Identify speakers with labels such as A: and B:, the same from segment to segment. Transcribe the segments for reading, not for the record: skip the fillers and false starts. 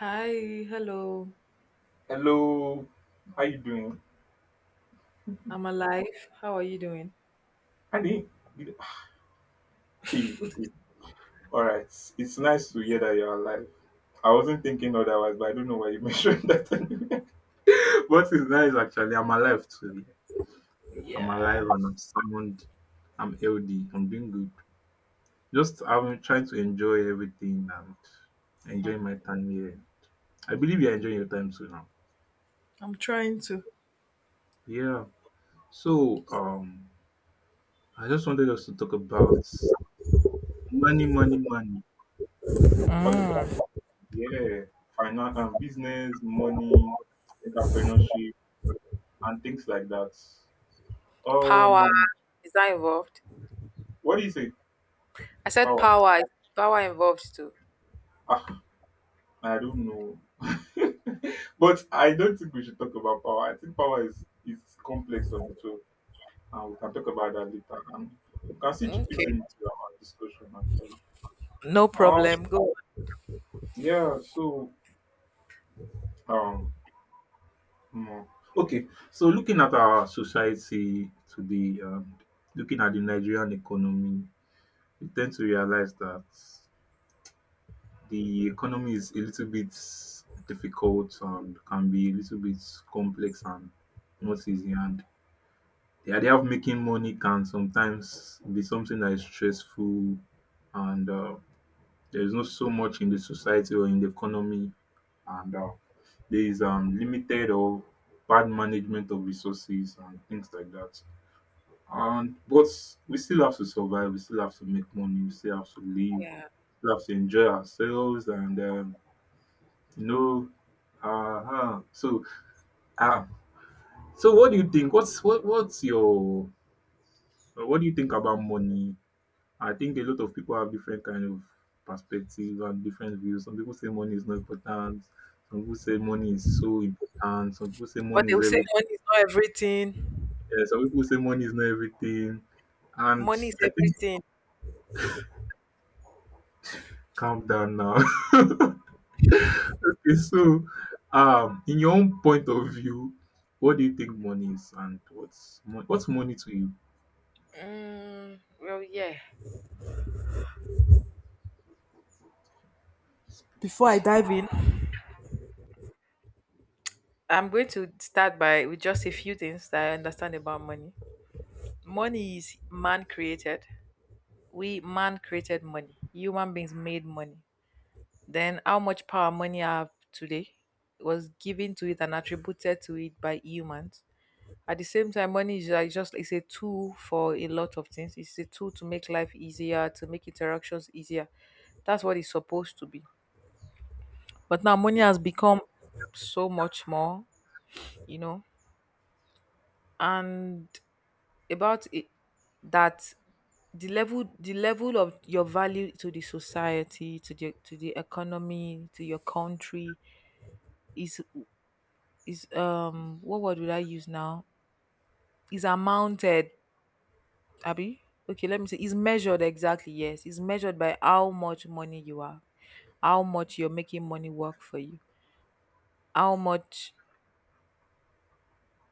A: Hi, hello.
B: Hello, how you doing?
A: I'm alive. How are you doing?
B: I didn't. You- Hey, okay, all right. It's nice to hear that you're alive. I wasn't thinking otherwise, but I don't know why you mentioned that. What is nice actually, I'm alive today. I'm alive and I'm sound. I'm healthy. I'm doing good. Just I'm trying to enjoy everything and enjoying my time here. I believe you're enjoying your time too now.
A: I'm trying to.
B: Yeah. So, I just wanted us to talk about money, money, money. All about, yeah, finance and business, money, entrepreneurship, and things like that.
A: Power
B: Um,
A: is that involved?
B: what do you say?
A: I said
B: Power?
A: power. Is power involved too?
B: Ah, I don't know. But I don't think we should talk about power. I think power is complex on its own, and we can talk about that later. And we can see chip it
A: Okay.
B: into our discussion actually.
A: No
B: Um,
A: problem. Go on.
B: yeah. So, um, hmm. Okay. So looking at our society today, looking at the Nigerian economy, you tend to realize that the economy is a little bit difficult and can be a little bit complex and not easy. And the idea of making money can sometimes be something that is stressful, and there is not so much in the society or in the economy, and there is limited or bad management of resources and things like that. And but we still have to survive. We still have to make money. We still have to live.
A: Yeah.
B: We have to enjoy ourselves and you know. Uh-huh. So uh, so what do you think? What's your what do you think about money? I think a lot of people have different kind of perspective and different views. Some people say money is not important. Some people say money is so important. Some people say
A: But
B: money
A: they
B: is
A: will say
B: everything.
A: money is not everything.
B: Yeah, some people say money is not everything. And
A: Money is
B: I think
A: everything.
B: calm down now. Okay, so, in your own point of view, what do you think money is, and what's money to you?
A: Well, yeah. Before I dive in, I'm going to start by with just a few things that I understand about money. Money is man created. We man created money. Human beings made money. Then, how much power money I have today was given to it and attributed to it by humans. At the same time, money is like just it's a tool for a lot of things. It's a tool to make life easier, to make interactions easier. That's what it's supposed to be. But now money
B: Yeah.
A: has become so much more, you know, and about it that the level of your value to the society to the economy to your country is is what word would I use now? Is amounted, Abby? Okay, let me see. Is measured exactly, yes. It's measured by how much money you are, how much you're making money work for you, how much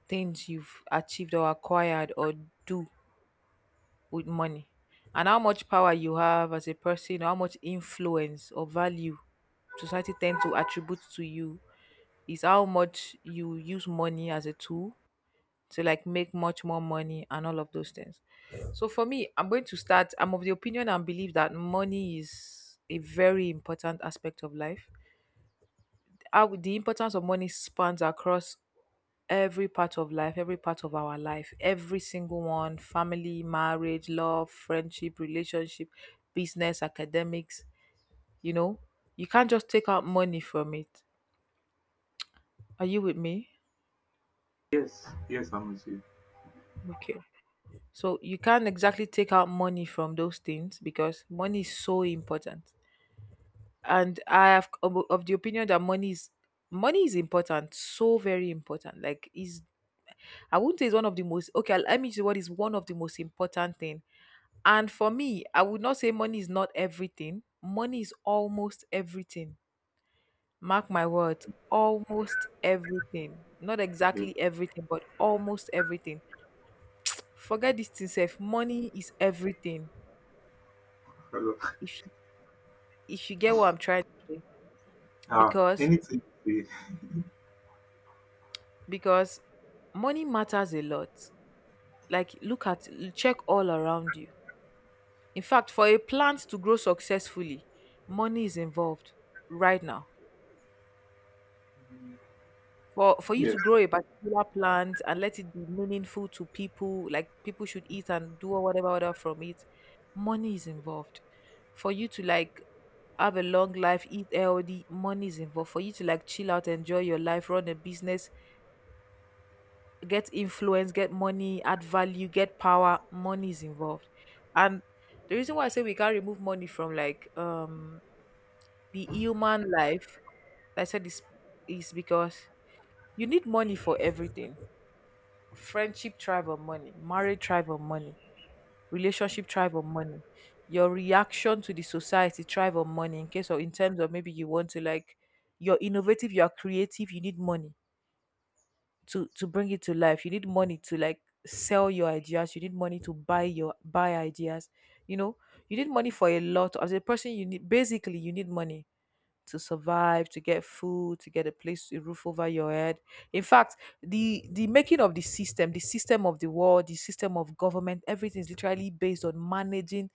A: things you've achieved or acquired or do with money, and how much power you have as a person, how much influence or value society tend to attribute to you is how much you use money as a tool to like make much more money and all of those things. So for me, I'm going to start. I'm of the opinion and believe that money is a very important aspect of life. How the importance of money spans across every part of life, every part of our life, every single one family, marriage, love, friendship, relationship, business, academics. You know, you can't just take out money from it. Are you with me?
B: Yes, yes, I'm with you.
A: Okay. So you can't exactly take out money from those things because money is so important. And I have of the opinion that money is important, so very important. Like is I wouldn't say it's one of the most okay, let me say what is one of the most important thing. And for me, I would not say money is not everything. Money is almost everything. Mark my words, almost everything. Not
B: Yeah.
A: exactly everything, but almost everything. Forget this thing, self. Money is everything
B: Hello.
A: if if you get what I'm trying to say,
B: Ah,
A: because
B: anything you say.
A: because money matters a lot. Like look at check all around you. In fact, for a plant to grow successfully, money is involved right now. For you to
B: Yes.
A: grow a particular plant and let it be meaningful to people, like people should eat and do or whatever other from it, money is involved. For you to like have a long life, eat healthy, money is involved. For you to like chill out, enjoy your life, run a business, get influence, get money, add value, get power, money is involved. And the reason why I say we can't remove money from like the human life, like I said is because you need money for everything. Friendship thrive on money, marriage thrive on money, relationship thrive on money. Your reaction to the society thrive on money in case or in terms of maybe you want to like you're innovative, you're creative, you need money to bring it to life, you need money to like sell your ideas, you need money to buy your buy ideas, you know, you need money for a lot as a person, you need basically you need money to survive, to get food, to get a place, a roof over your head. In fact, the making of the system, the system of the world, the system of government, everything is literally based on managing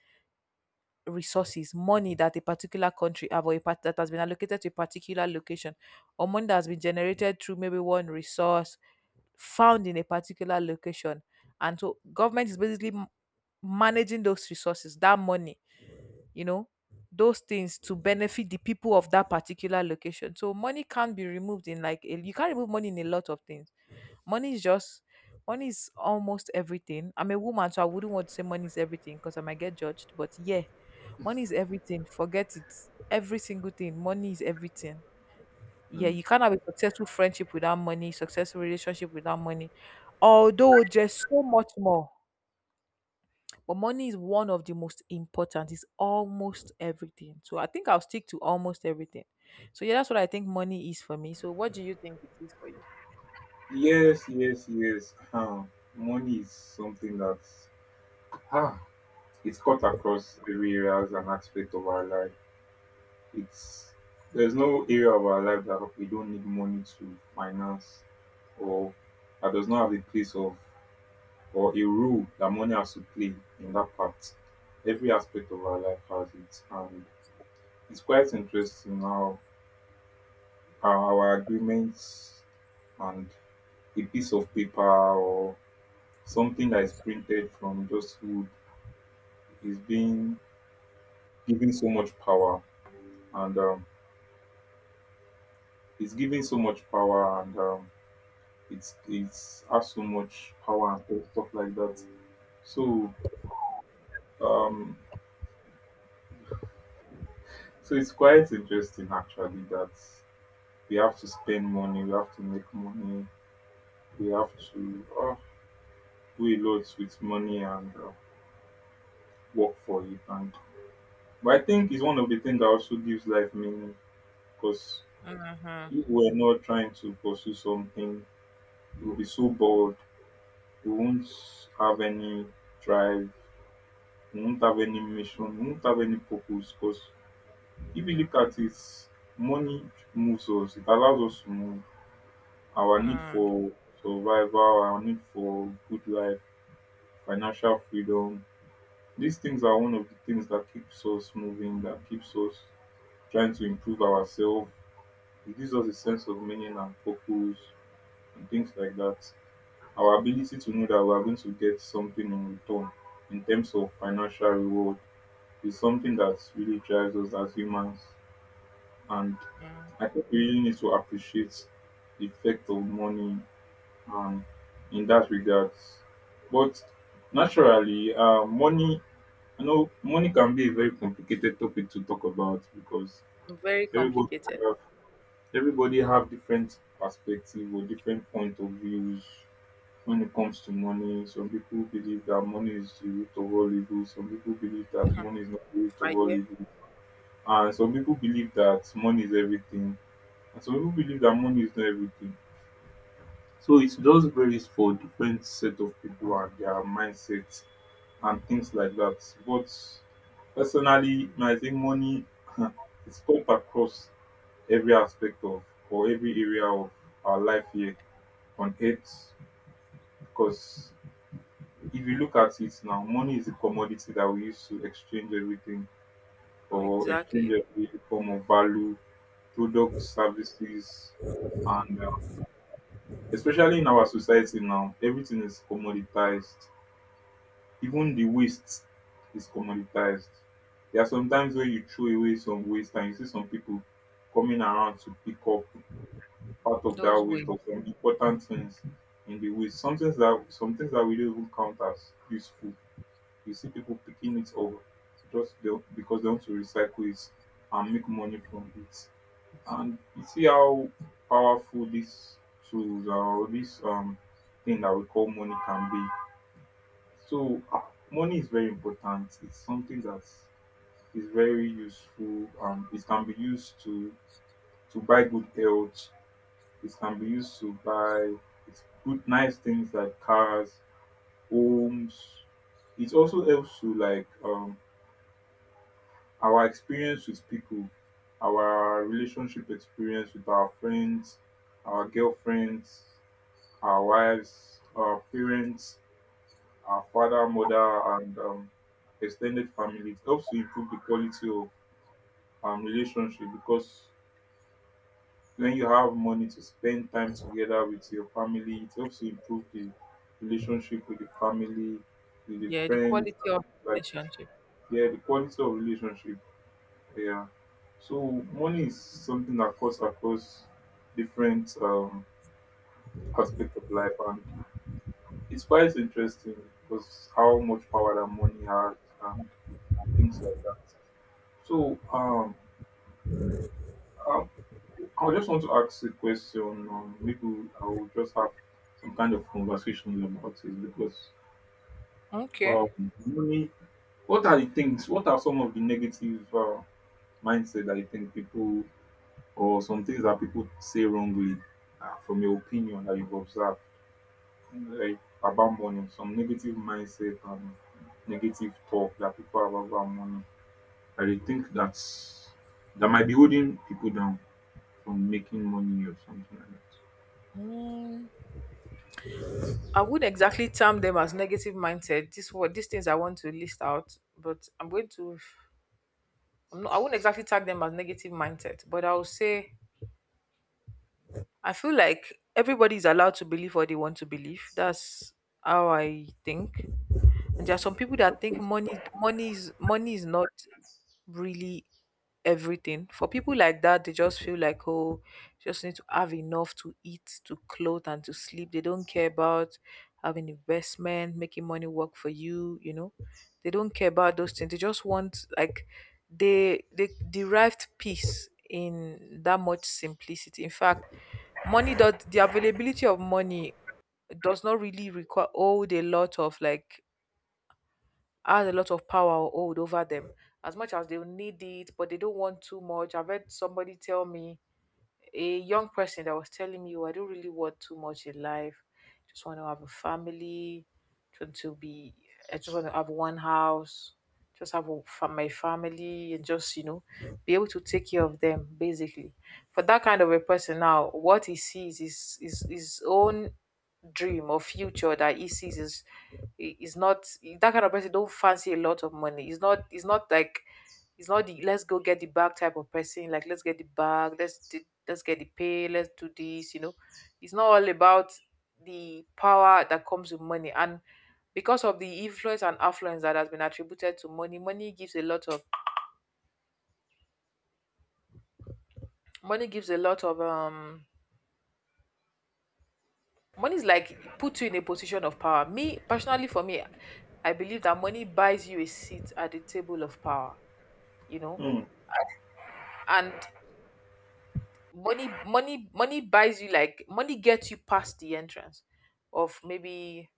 A: resources, money that a particular country have or a part that has been allocated to a particular location or money that has been generated through maybe one resource found in a particular location. And so government is basically managing those resources, that money, you know, those things to benefit the people of that particular location. So money can't be removed in like a, you can't remove money in a lot of things. Money is just money is almost everything. I'm a woman, so I wouldn't want to say money is everything because I might get judged. But yeah, money is everything. Forget it. Every single thing. Money is everything. Yeah,
B: Mm.
A: you can't have a successful friendship without money, successful relationship without money. Although there's so much more, but money is one of the most important. It's almost everything. So I think I'll stick to almost everything. So yeah, that's what I think money is for me. So what do you think it is for you?
B: Yes, yes, yes. Huh. Money is something that's huh, it's cut across every area as an aspect of our life. It's there's no area of our life that we don't need money to finance or that does not have a place of or a role that money has to play in that part. Every aspect of our life has it, and it's quite interesting how our agreements and a piece of paper or something that is printed from just wood is being given so much power, and it's giving so much power, and it's has so much power and stuff like that. So um, so it's quite interesting actually that we have to spend money, we have to make money, we have to do a lot with money and work for it. And but I think it's one of the things that also gives life meaning because
A: Mm-hmm.
B: if we're not trying to pursue something, we'll be so bored. We won't have any drive. We won't have any mission. We won't have any purpose. Because if you look at it, money moves us. It allows us to move. Our need for survival, our need for good life, financial freedom. These things are one of the things that keeps us moving, that keeps us trying to improve ourselves. It gives us a sense of meaning and purpose and things like that. Our ability to know that we are going to get something in return in terms of financial reward is something that really drives us as humans. And
A: Mm-hmm.
B: I think we really need to appreciate the effect of money um, in that regard. But naturally, money. You know, money can be a very complicated topic to talk about because
A: Very
B: everybody
A: complicated.
B: have, everybody have different perspective or different point of views when it comes to money. Some people believe that money is the root of all evil. Some people believe that money is not the root of
A: I,
B: all
A: yeah,
B: evil. And some people believe that money is everything. And some people believe that money is not everything. So it just varies for different set of people and their mindsets and things like that. But personally, I think money, it's cuts across every aspect of or every area of our life here on earth because if you look at it now, money is a commodity that we use to exchange everything or exchange
A: exactly.
B: every form of value, products, services, and especially in our society now, everything is commoditized. Even the waste is commoditized. There are some times where you throw away some waste and you see some people coming around to pick up part of that
A: Those
B: waste
A: ways.
B: of some important things in the waste. Some things that we don't even count as useful. You see people picking it up just because they want to recycle it and make money from it. And you see how powerful these tools or this thing that we call money can be. So ah, money is very important. It's something that is very useful. It can be used to buy good health, it can be used to buy it's good nice things like cars, homes. It also helps to like our experience with people, our relationship experience with our friends, our girlfriends, our wives, our parents, our father, mother, and extended family. It helps to improve the quality of relationship because when you have money to spend time together with your family it helps to improve the relationship with the family with the
A: Yeah, the
B: friends
A: quality
B: and
A: of
B: things like
A: relationship.
B: that. Yeah, the quality of relationship, yeah, so money is something that cuts across different aspect of life and it's quite interesting because how much power that money has and things like that. So uh, I just want to ask a question. Maybe I will just have some kind of conversation about it because
A: Okay.
B: um, money. What are the things? What are some of the negative mindset that you think people or some things that people say wrongly, from your opinion that you've observed like about money? Some negative mindset and negative talk that people have about money. I they think that's that might be holding people down from making money or something like
A: Mm, I would exactly term them as negative mindset. This what these things I want to list out, but I'm going to. I'm not, I wouldn't exactly tag them as negative mindset, but I will say I feel like everybody is allowed to believe what they want to believe. That's how I think. And there are some people
B: that.
A: that
B: Of
A: think
B: course.
A: money is not really everything. For people like that, they just feel like oh, just need to have enough to eat, to clothe, and to sleep. They don't care about having investment, making money work for you. You know, they don't care about those things. They just want like they derived peace in that much simplicity. In fact, money does the availability of money does not really require all a lot of like has a lot of power or hold over them as much as they need it, but they don't want too much. I've heard somebody tell me, a young person that was telling me, oh, I don't really want too much in life. Just want to have a family. Just to be, I just want to have one house. Just have a, my family and just, you know, be able to take care of them basically. For that kind of a person, now what he sees is his own dream or future that he sees is not that kind of person. Don't fancy a lot of money. It's not. It's not like it's not the let's go get the bag type of person, like let's get the bag, let's do, let's get the pay, let's do this, you know. It's not all about the power that comes with money. And because of the influence and affluence that has been attributed to money, money gives a lot of money gives a lot of money is like put you in a position of power. Me personally for me, I believe that money buys you a seat at the table of power, you know. And money buys you like money gets you past the entrance of maybe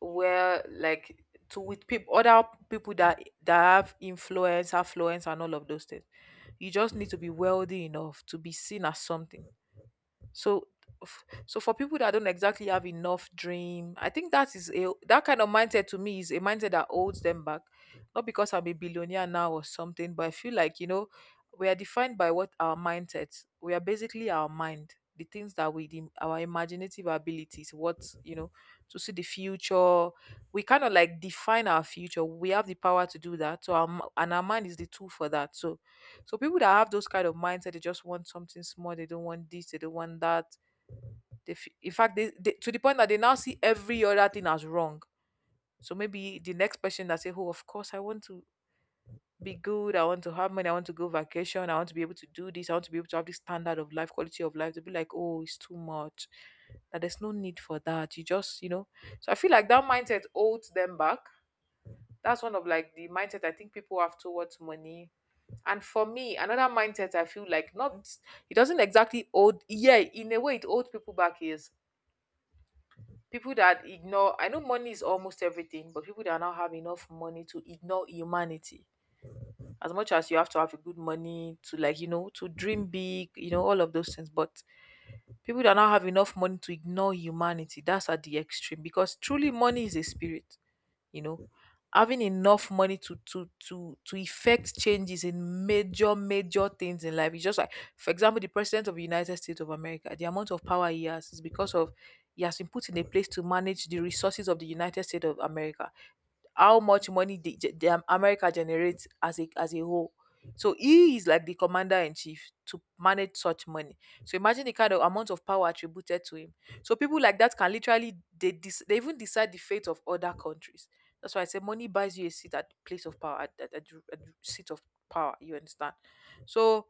A: where like to with people, other people that that have influence affluence and all of those things, you just need to be wealthy enough to be seen as something. So, so for people that don't exactly have enough dream, I think that is a that kind of mindset to me is a mindset that holds them back. Not because I'm a billionaire now or something, but I feel like, you know, we are defined by what our mindset. We are basically our mind, the things that we the, our imaginative abilities, what, you know, to see the future. We kind of like define our future. We have the power to do that. So, our, and our mind is the tool for that. So so people that have those kind of mindset, they just want something small. They don't want this. They don't want that. They, in fact, they to the point that they now see every other thing as wrong. So maybe the next person that say, "Oh, of course, I want to be good. I want to have money. I want to go vacation. I want to be able to do this. I want to be able to have this standard of life, quality of life." They'll be like, "Oh, it's too much. That there's no need for that. You just, you know." So I feel like that mindset holds them back, that's one of like the mindset I think people have towards money. And for me, another mindset I feel like not it doesn't exactly hold, yeah, in a way it holds people back is people that ignore I know money is almost everything, but people that now have enough money to ignore humanity. As much as you have to have a good money to like, you know, to dream big, you know, all of those things. But people that now have enough money to ignore humanity, that's at the extreme because truly money is a spirit you know Having enough money to effect changes in major major things in life, it's just like, for example, the president of the United States of America, the amount of power he has is because of he has been put in a place to manage the resources of the United States of America, how much money the, ge- the Am- America generates as a whole. So he is like the commander in chief to manage such money. So imagine the kind of amount of power attributed to him. So people like that can literally they even decide the fate of other countries. That's why I say money buys you a seat at the place of power at the seat of power. You understand? So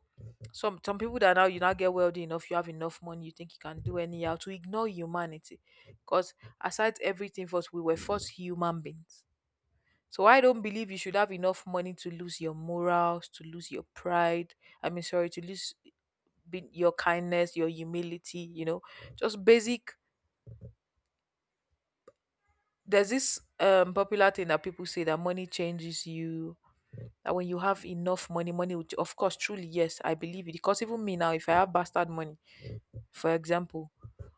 A: some people that now you now get wealthy enough, you have enough money, you think you can do anyhow to ignore humanity. Because aside everything first, we were first human beings. So I don't believe you should have enough money to lose your morals, to lose your pride. I mean, sorry, to lose your kindness, your humility. You know, just basic. There's this popular thing that people say that money changes you. That when you have enough money, money of course, truly, yes, I believe it. Because even me now, if I have bastard money, for example,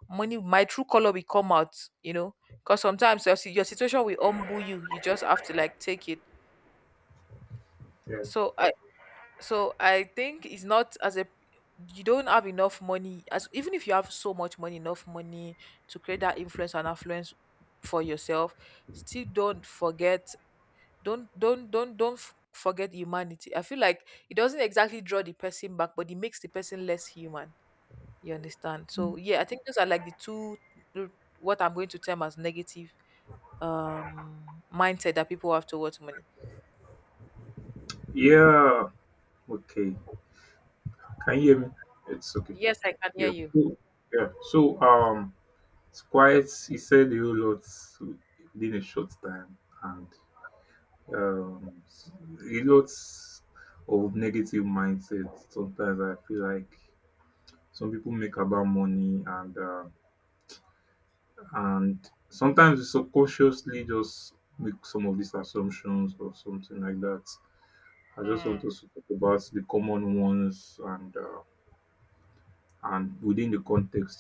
A: money, my true color will come out. You know, because sometimes your situation will humble you. You just have to like take it.
B: Yeah.
A: So so I think it's not as a you don't have enough money, as even if you have so much money enough money to create that influence and affluence for yourself, still don't forget, don't forget humanity. I feel like it doesn't exactly draw the person back, but it makes the person less human. You understand? So yeah, I think those are like the two the- what I'm going to term as negative um mindset that people have towards money.
B: Yeah. Okay. Can you hear me? It's okay.
A: Yes, I can hear
B: Yeah.
A: you.
B: So, yeah. So it's quite. He said a whole lot within a short time, and um, a lot of negative mindset. Sometimes I feel like some people make about money, and sometimes we subconsciously just make some of these assumptions or something like that. I just want us to talk about the common ones. And and within the context,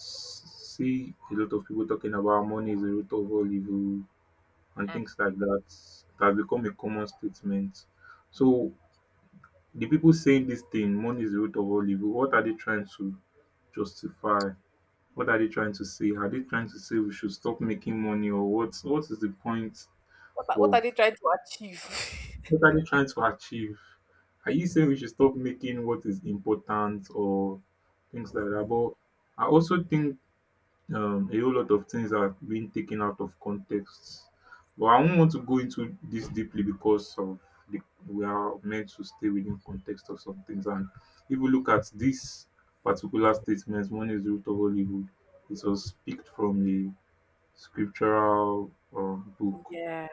B: see a lot of people talking about money is the root of all evil and things like that. It has become a common statement. So the people saying this thing, money is the root of all evil, what are they trying to justify? What are they trying to say? Are they trying to say we should stop making money or what is the point
A: What are
B: of,
A: they trying to achieve?
B: what are they trying to achieve? Are you saying we should stop making what is important or things like that? But I also think a whole lot of things are being taken out of context. But I won't want to go into this deeply because of the, we are meant to stay within context of some things. And if we look at this particular statement, one is the root of all evil. It was picked from a scriptural book,
A: Yeah.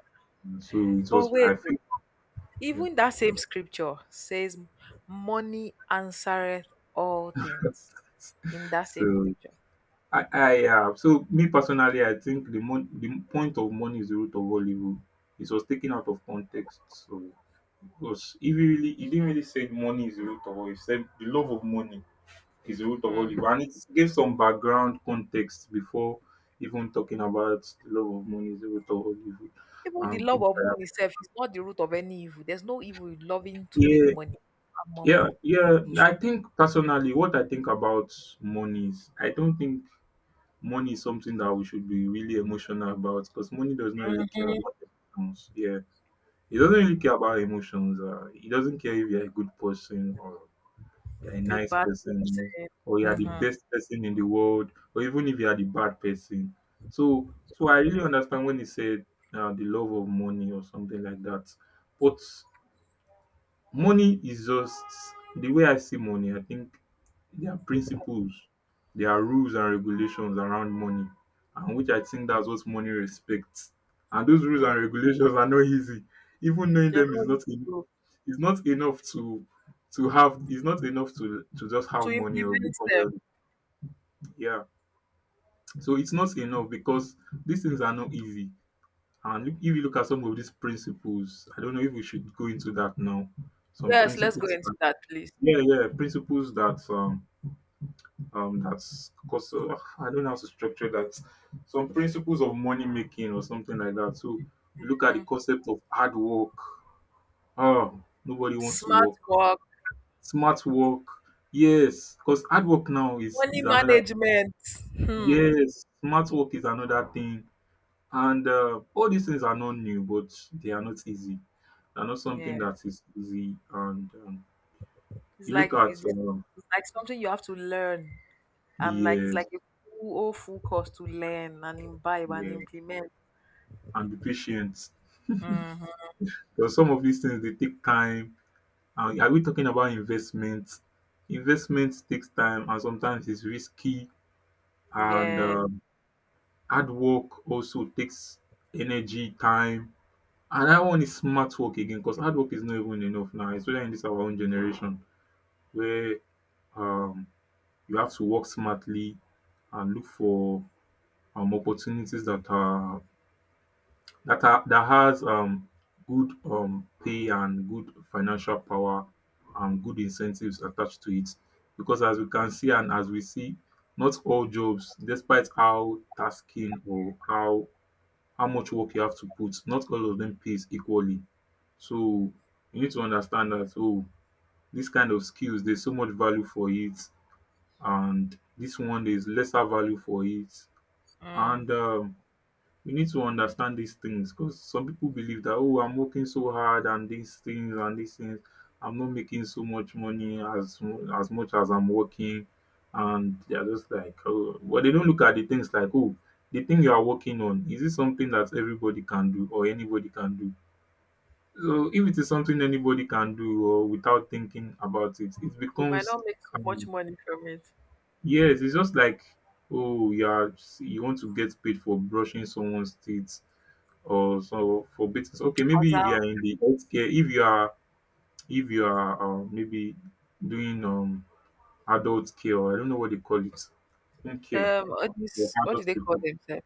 B: so it was
A: But
B: I
A: wait, oh,
B: think yeah.
A: even that same scripture says money answereth all things in that same
B: So.
A: scripture.
B: I so me personally, I think the point of money is the root of all evil. It was taken out of context, so. Because if you really you didn't really say money is the root of all evil. You said the love of money is the root of all
A: Mm.
B: evil. And it gave some background context before even talking about the love of money is the root of all evil
A: Even the
B: and
A: love
B: things
A: of
B: like that.
A: money itself is not the root of any evil. There's no evil in loving to make
B: Yeah,
A: money, have more
B: yeah,
A: money.
B: yeah. I think personally what I think about money is I don't think money is something that we should be really emotional about because money does not really care
A: Mm-hmm.
B: about emotions. Yeah. It doesn't really care about emotions. He doesn't care if you're a good person or you're a
A: A
B: nice
A: bad
B: person, you know,
A: person.
B: or you're the
A: Mm-hmm.
B: best person in the world, or even if you're the bad person. So, so I really understand when he said the love of money or something like that. But money is just the way I see money. I think there are principles, there are rules and regulations around money, and which I think that's what money respects. And those rules
A: Mm.
B: and regulations are not easy. Even knowing
A: You
B: them is
A: know,
B: not easy.
A: to,
B: It's not enough to have it's not enough to just
A: to
B: have money or
A: implement
B: become
A: them.
B: wealthy. Yeah. So it's not enough because these things are not easy. And if you look at some of these principles, I don't know if we should go into that now. Some
A: Yes, let's go
B: principles that,
A: into that, please.
B: yeah, yeah, principles that that's because I don't know how to structure that. Some principles of money making or something like that. So you look at the
A: Mm.
B: concept of hard work. Oh, nobody wants to
A: Smart
B: work.
A: work,
B: Smart work, yes. Cause hard work now is
A: money
B: is another.
A: management. Hmm.
B: Yes, smart work is another thing. And, all these things are not new, but they are not easy. They're not
A: Yeah.
B: something that is easy.
A: It's
B: You look
A: like
B: at,
A: it's, it's like something you have to learn, and like it's
B: yes,
A: like a full whole full course to learn and imbibe and
B: yeah,
A: implement.
B: and be patient. Cause
A: Hmm.
B: some of these things, they take time. And are we talking about investment? Investment takes time, and sometimes it's risky. And,
A: Yeah,
B: um, hard work also takes energy, time. And that one is smart work again, cause hard work is not even enough now, especially in this our own generation where um you have to work smartly and look for opportunities that has good pay and good financial power and good incentives attached to it. Because as we can see, and as we see, not all jobs, despite how tasking or how much work you have to put, not all of them pays equally. So you need to understand that, oh, this kind of skills, there's so much value for it, and this one, there's lesser value for it.
A: mm.
B: And we need to understand these things, because some people believe that, oh, I'm working so hard and these things and these things, I'm not making so much money as as much as I'm working. And they're just like, oh well, they don't look at the things like, oh, the thing you are working on, is it something that everybody can do or anybody can do? So if it is something anybody can do or without thinking about it, it
A: you might
B: becomes
A: not make so much
B: um,
A: money from it.
B: yes, it's just like, oh, you are you want to get paid for brushing someone's teeth or so for business. Okay,
A: As
B: maybe if you
A: a-
B: are in the healthcare, if you are maybe doing adult care, or I don't know what they call it, home care
A: all
B: for
A: these, what do
B: adult
A: they call
B: people.
A: themselves?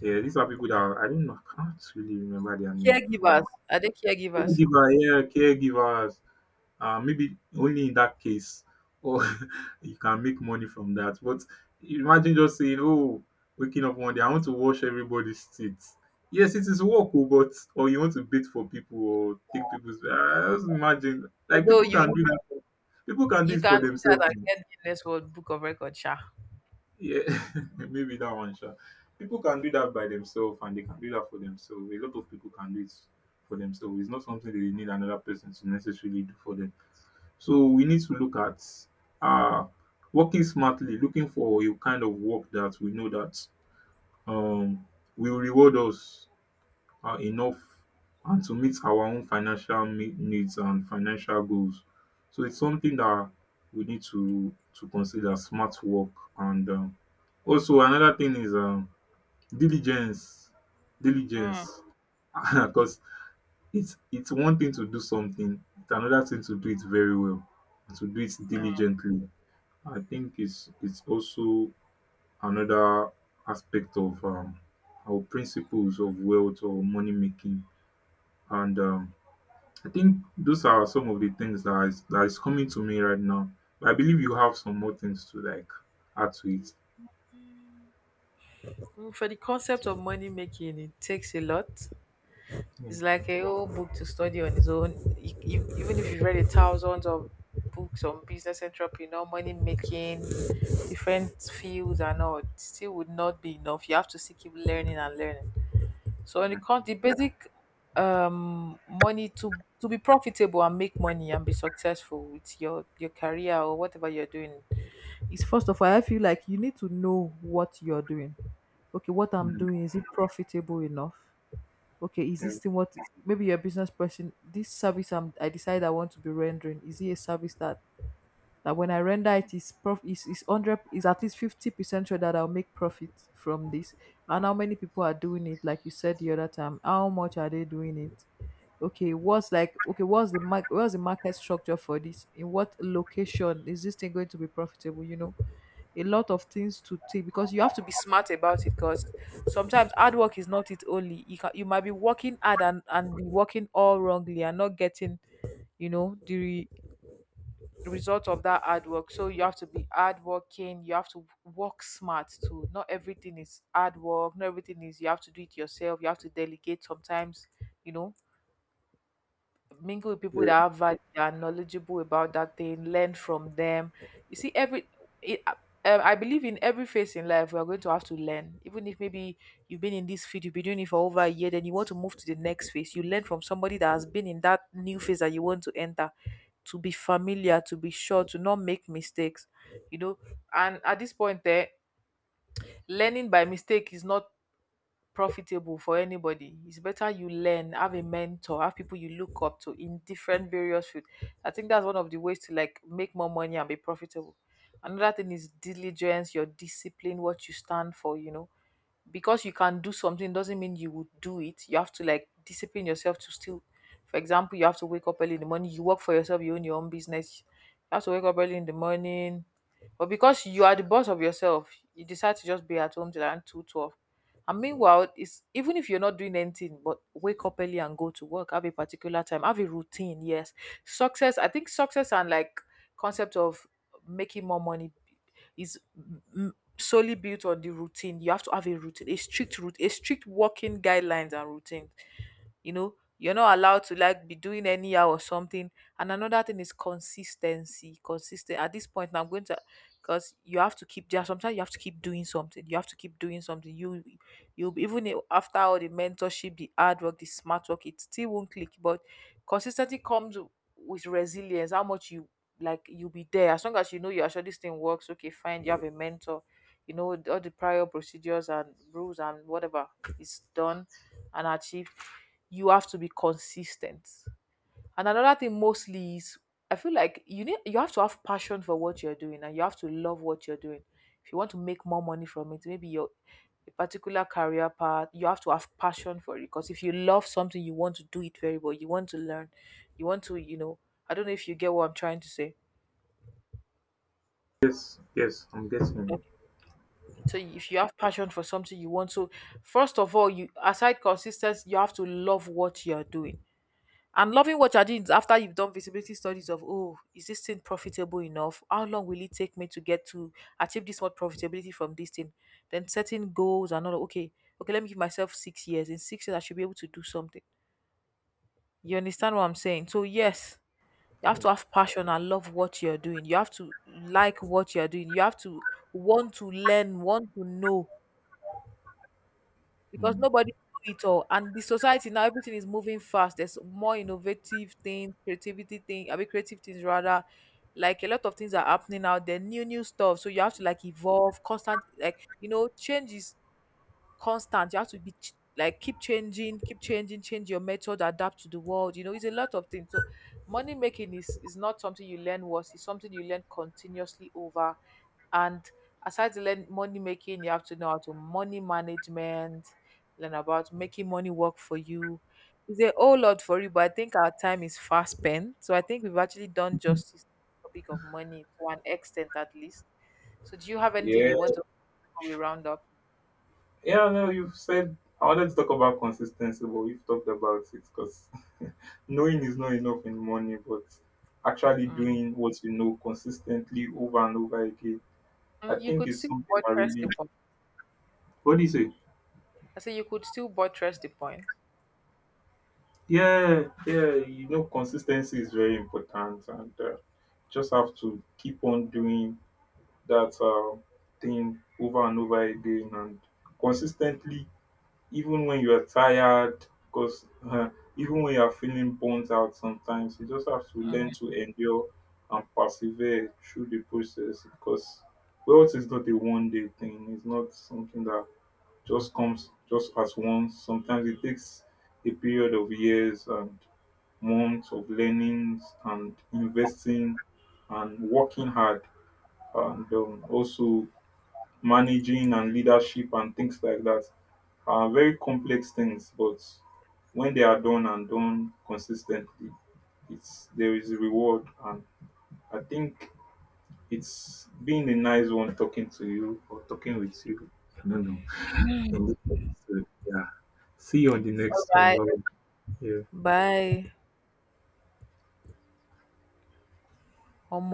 B: Yeah, these are people that are, I don't know, I can't really remember their name for
A: Caregivers.
B: now.
A: Are they caregivers?
B: Caregiver, yeah, caregivers. Maybe only in that case, or you can make money from that. But imagine just saying, "Oh, waking up one day, I want to wash everybody's teeth." Yes, it is work, oh, but or you want to bait for people or take people's. I just imagine like
A: Although
B: people
A: you
B: can
A: you
B: do that. People can do
A: you
B: it for
A: can do that and
B: themselves. Oh.
A: get Guinness World Book of Record, sha.
B: Yeah, maybe that one, sure. People can do that by themselves, and they can do that for themselves. A lot of people can do it for themselves. It's not something they need another person to necessarily do for them. So we need to look at uh, working smartly, looking for a kind of work that we know that um, will reward us enough and to meet our own financial needs and financial goals. So it's something that we need to consider smart work. And
A: Mm,
B: Also another thing is, diligence,
A: mm.
B: diligence, because it's one thing to do something, it's another thing to do it very well, to do it diligently. I think it's also another aspect of, our principles of wealth or money making, and I think those are some of the things that is coming to me right now. But I believe you have some more things to like add to it.
A: For the concept of money making, it takes a lot.
B: Yeah.
A: It's like a whole book to study on its own. Even if you've read a thousands of books on business entrepreneur, money making, different fields and all, it still would not be enough. You have to still keep learning and learning. So when
B: Yeah.
A: it comes the basic money to be profitable and make money and be successful with your career or whatever you're doing is first of all I feel like you need to know what you're doing. Okay, what I'm
B: Mm.
A: doing, is it profitable enough? Okay, is
B: Yeah.
A: this thing what, maybe you're a business person, this service I decide I want to be rendering, is it a service that when I render it is prof is hundred is at least 50% sure that I'll make profit from this? And how many people are doing it? Like you said the other time, how much are they doing it? Okay, what's like okay, what's the mark what's the market structure for this? In what location is this thing going to be profitable? You know, a lot of things to take because you have to be smart about it because sometimes hard work is not it only. You might be working hard and be working all wrongly and not getting, you know, the result of that hard work. So you have to be hardworking. You have to work smart too. Not everything is hard work. Not everything is you have to do it yourself. You have to delegate sometimes. You know, mingle with
B: Yeah.
A: people that have value, that are knowledgeable about that thing, learn from them. You see, it, uh, I believe in every phase in life, we are going to have to learn. Even if maybe you've been in this field, you've been doing it for over a year, then you want to move to the next phase. You learn from somebody that has been in that new phase that you want to enter, to be familiar, to be sure, to not make mistakes. You know, and at this point, there, learning by mistake is not profitable for anybody. It's better you learn, have a mentor, have people you look up to in different various fields. I think that's one of the ways to like make more money and be profitable. Another thing is diligence, your discipline, what you stand for, you know. Because you can do something doesn't mean you would do it. You have to like discipline yourself to still, for example, you have to wake up early in the morning, you work for yourself, you own your own business. You have to wake up early in the morning. But because you are the boss of yourself, you decide to just be at home till around 2:12, and meanwhile, it's even if you're not doing anything, but wake up early and go to work, have a particular time, have a routine. Yes, success. I think success and like concept of making more money is solely built on the routine. You have to have a routine, a strict route, a strict working guidelines and routine. You know, you're not allowed to like be doing anyhow or something. And another thing is consistency consistent at this point now I'm going to, because you have to keep, there sometimes you have to keep doing something, you have to keep doing something, you even after all the mentorship, the hard work, the smart work, it still won't click. But consistency comes with resilience, how much you like, you'll be there as long as you know you're sure this thing works. Okay, fine, you have a mentor, you know all the prior procedures and rules and whatever is done and achieve, you have to be consistent. And another thing mostly is I feel like you have to have passion for what you're doing and you have to love what you're doing. If you want to make more money from it, maybe your a particular career path, you have to have passion for it. Because if you love something, you want to do it very well. You want to learn. You want to, you know, I don't know if you get what I'm trying to say.
B: Yes. Yes. I'm
A: Okay.
B: getting
A: So if you have passion for something, you want to, first of all, you aside consistency, you have to love what you are doing. And loving what you're doing is after you've done visibility studies of, oh, is this thing profitable enough? How long will it take me to get to achieve this much profitability from this thing? Then setting goals and all. Okay, okay, let me give myself 6 years. In 6 years, I should be able to do something. You understand what I'm saying? So yes, you
B: it.
A: have
B: Yeah.
A: to have passion and love what you're doing. You have to like what you're doing. You have to want to learn, want to know, because
B: Mm.
A: nobody know it all. And the society now, everything is moving fast. There's more innovative things, creativity thing, I mean, creative things rather. Like a lot of things are happening out there, new new stuff. So you have to like evolve, constant like, you know, changes constant. You have to like keep changing, change your method, adapt to the world. You know, it's a lot of things. So money making is not something you learn once, it's something you learn continuously over. And aside to learn money making, you have to know how to money management, learn about making money work for you. It's a whole lot for you, but I think our time is fast spent. So I think we've actually done justice to the topic of money to an extent at least. So do you have anything
B: Yeah,
A: you want to before we round up?
B: yeah, no, you've said I wanted to talk about consistency, but we've talked about it. Because knowing is not enough in money, but actually
A: Mm.
B: doing what you know consistently over and over again, I
A: Mm, you
B: think
A: could
B: is
A: still
B: something that
A: buttress
B: really.
A: the point.
B: What do you say?
A: I say you could still buttress the point.
B: Yeah, you know, consistency is very important, and just have to keep on doing that thing over and over again and consistently, even when you're tired, because even when you're feeling burnt out sometimes, you just have to learn to endure and persevere through the process, because wealth is not a one day thing, it's not something that just comes just as once. Sometimes it takes a period of years and months of learnings and investing and working hard, and also managing and leadership and things like that are very complex things. But when they are done and done consistently, it's there is a reward. And I think it's been a nice one talking to you or talking with you. I don't know. In this episode, yeah. See you on the
A: All
B: next one.
A: right.
B: Bye. Yeah.
A: Bye. Omo.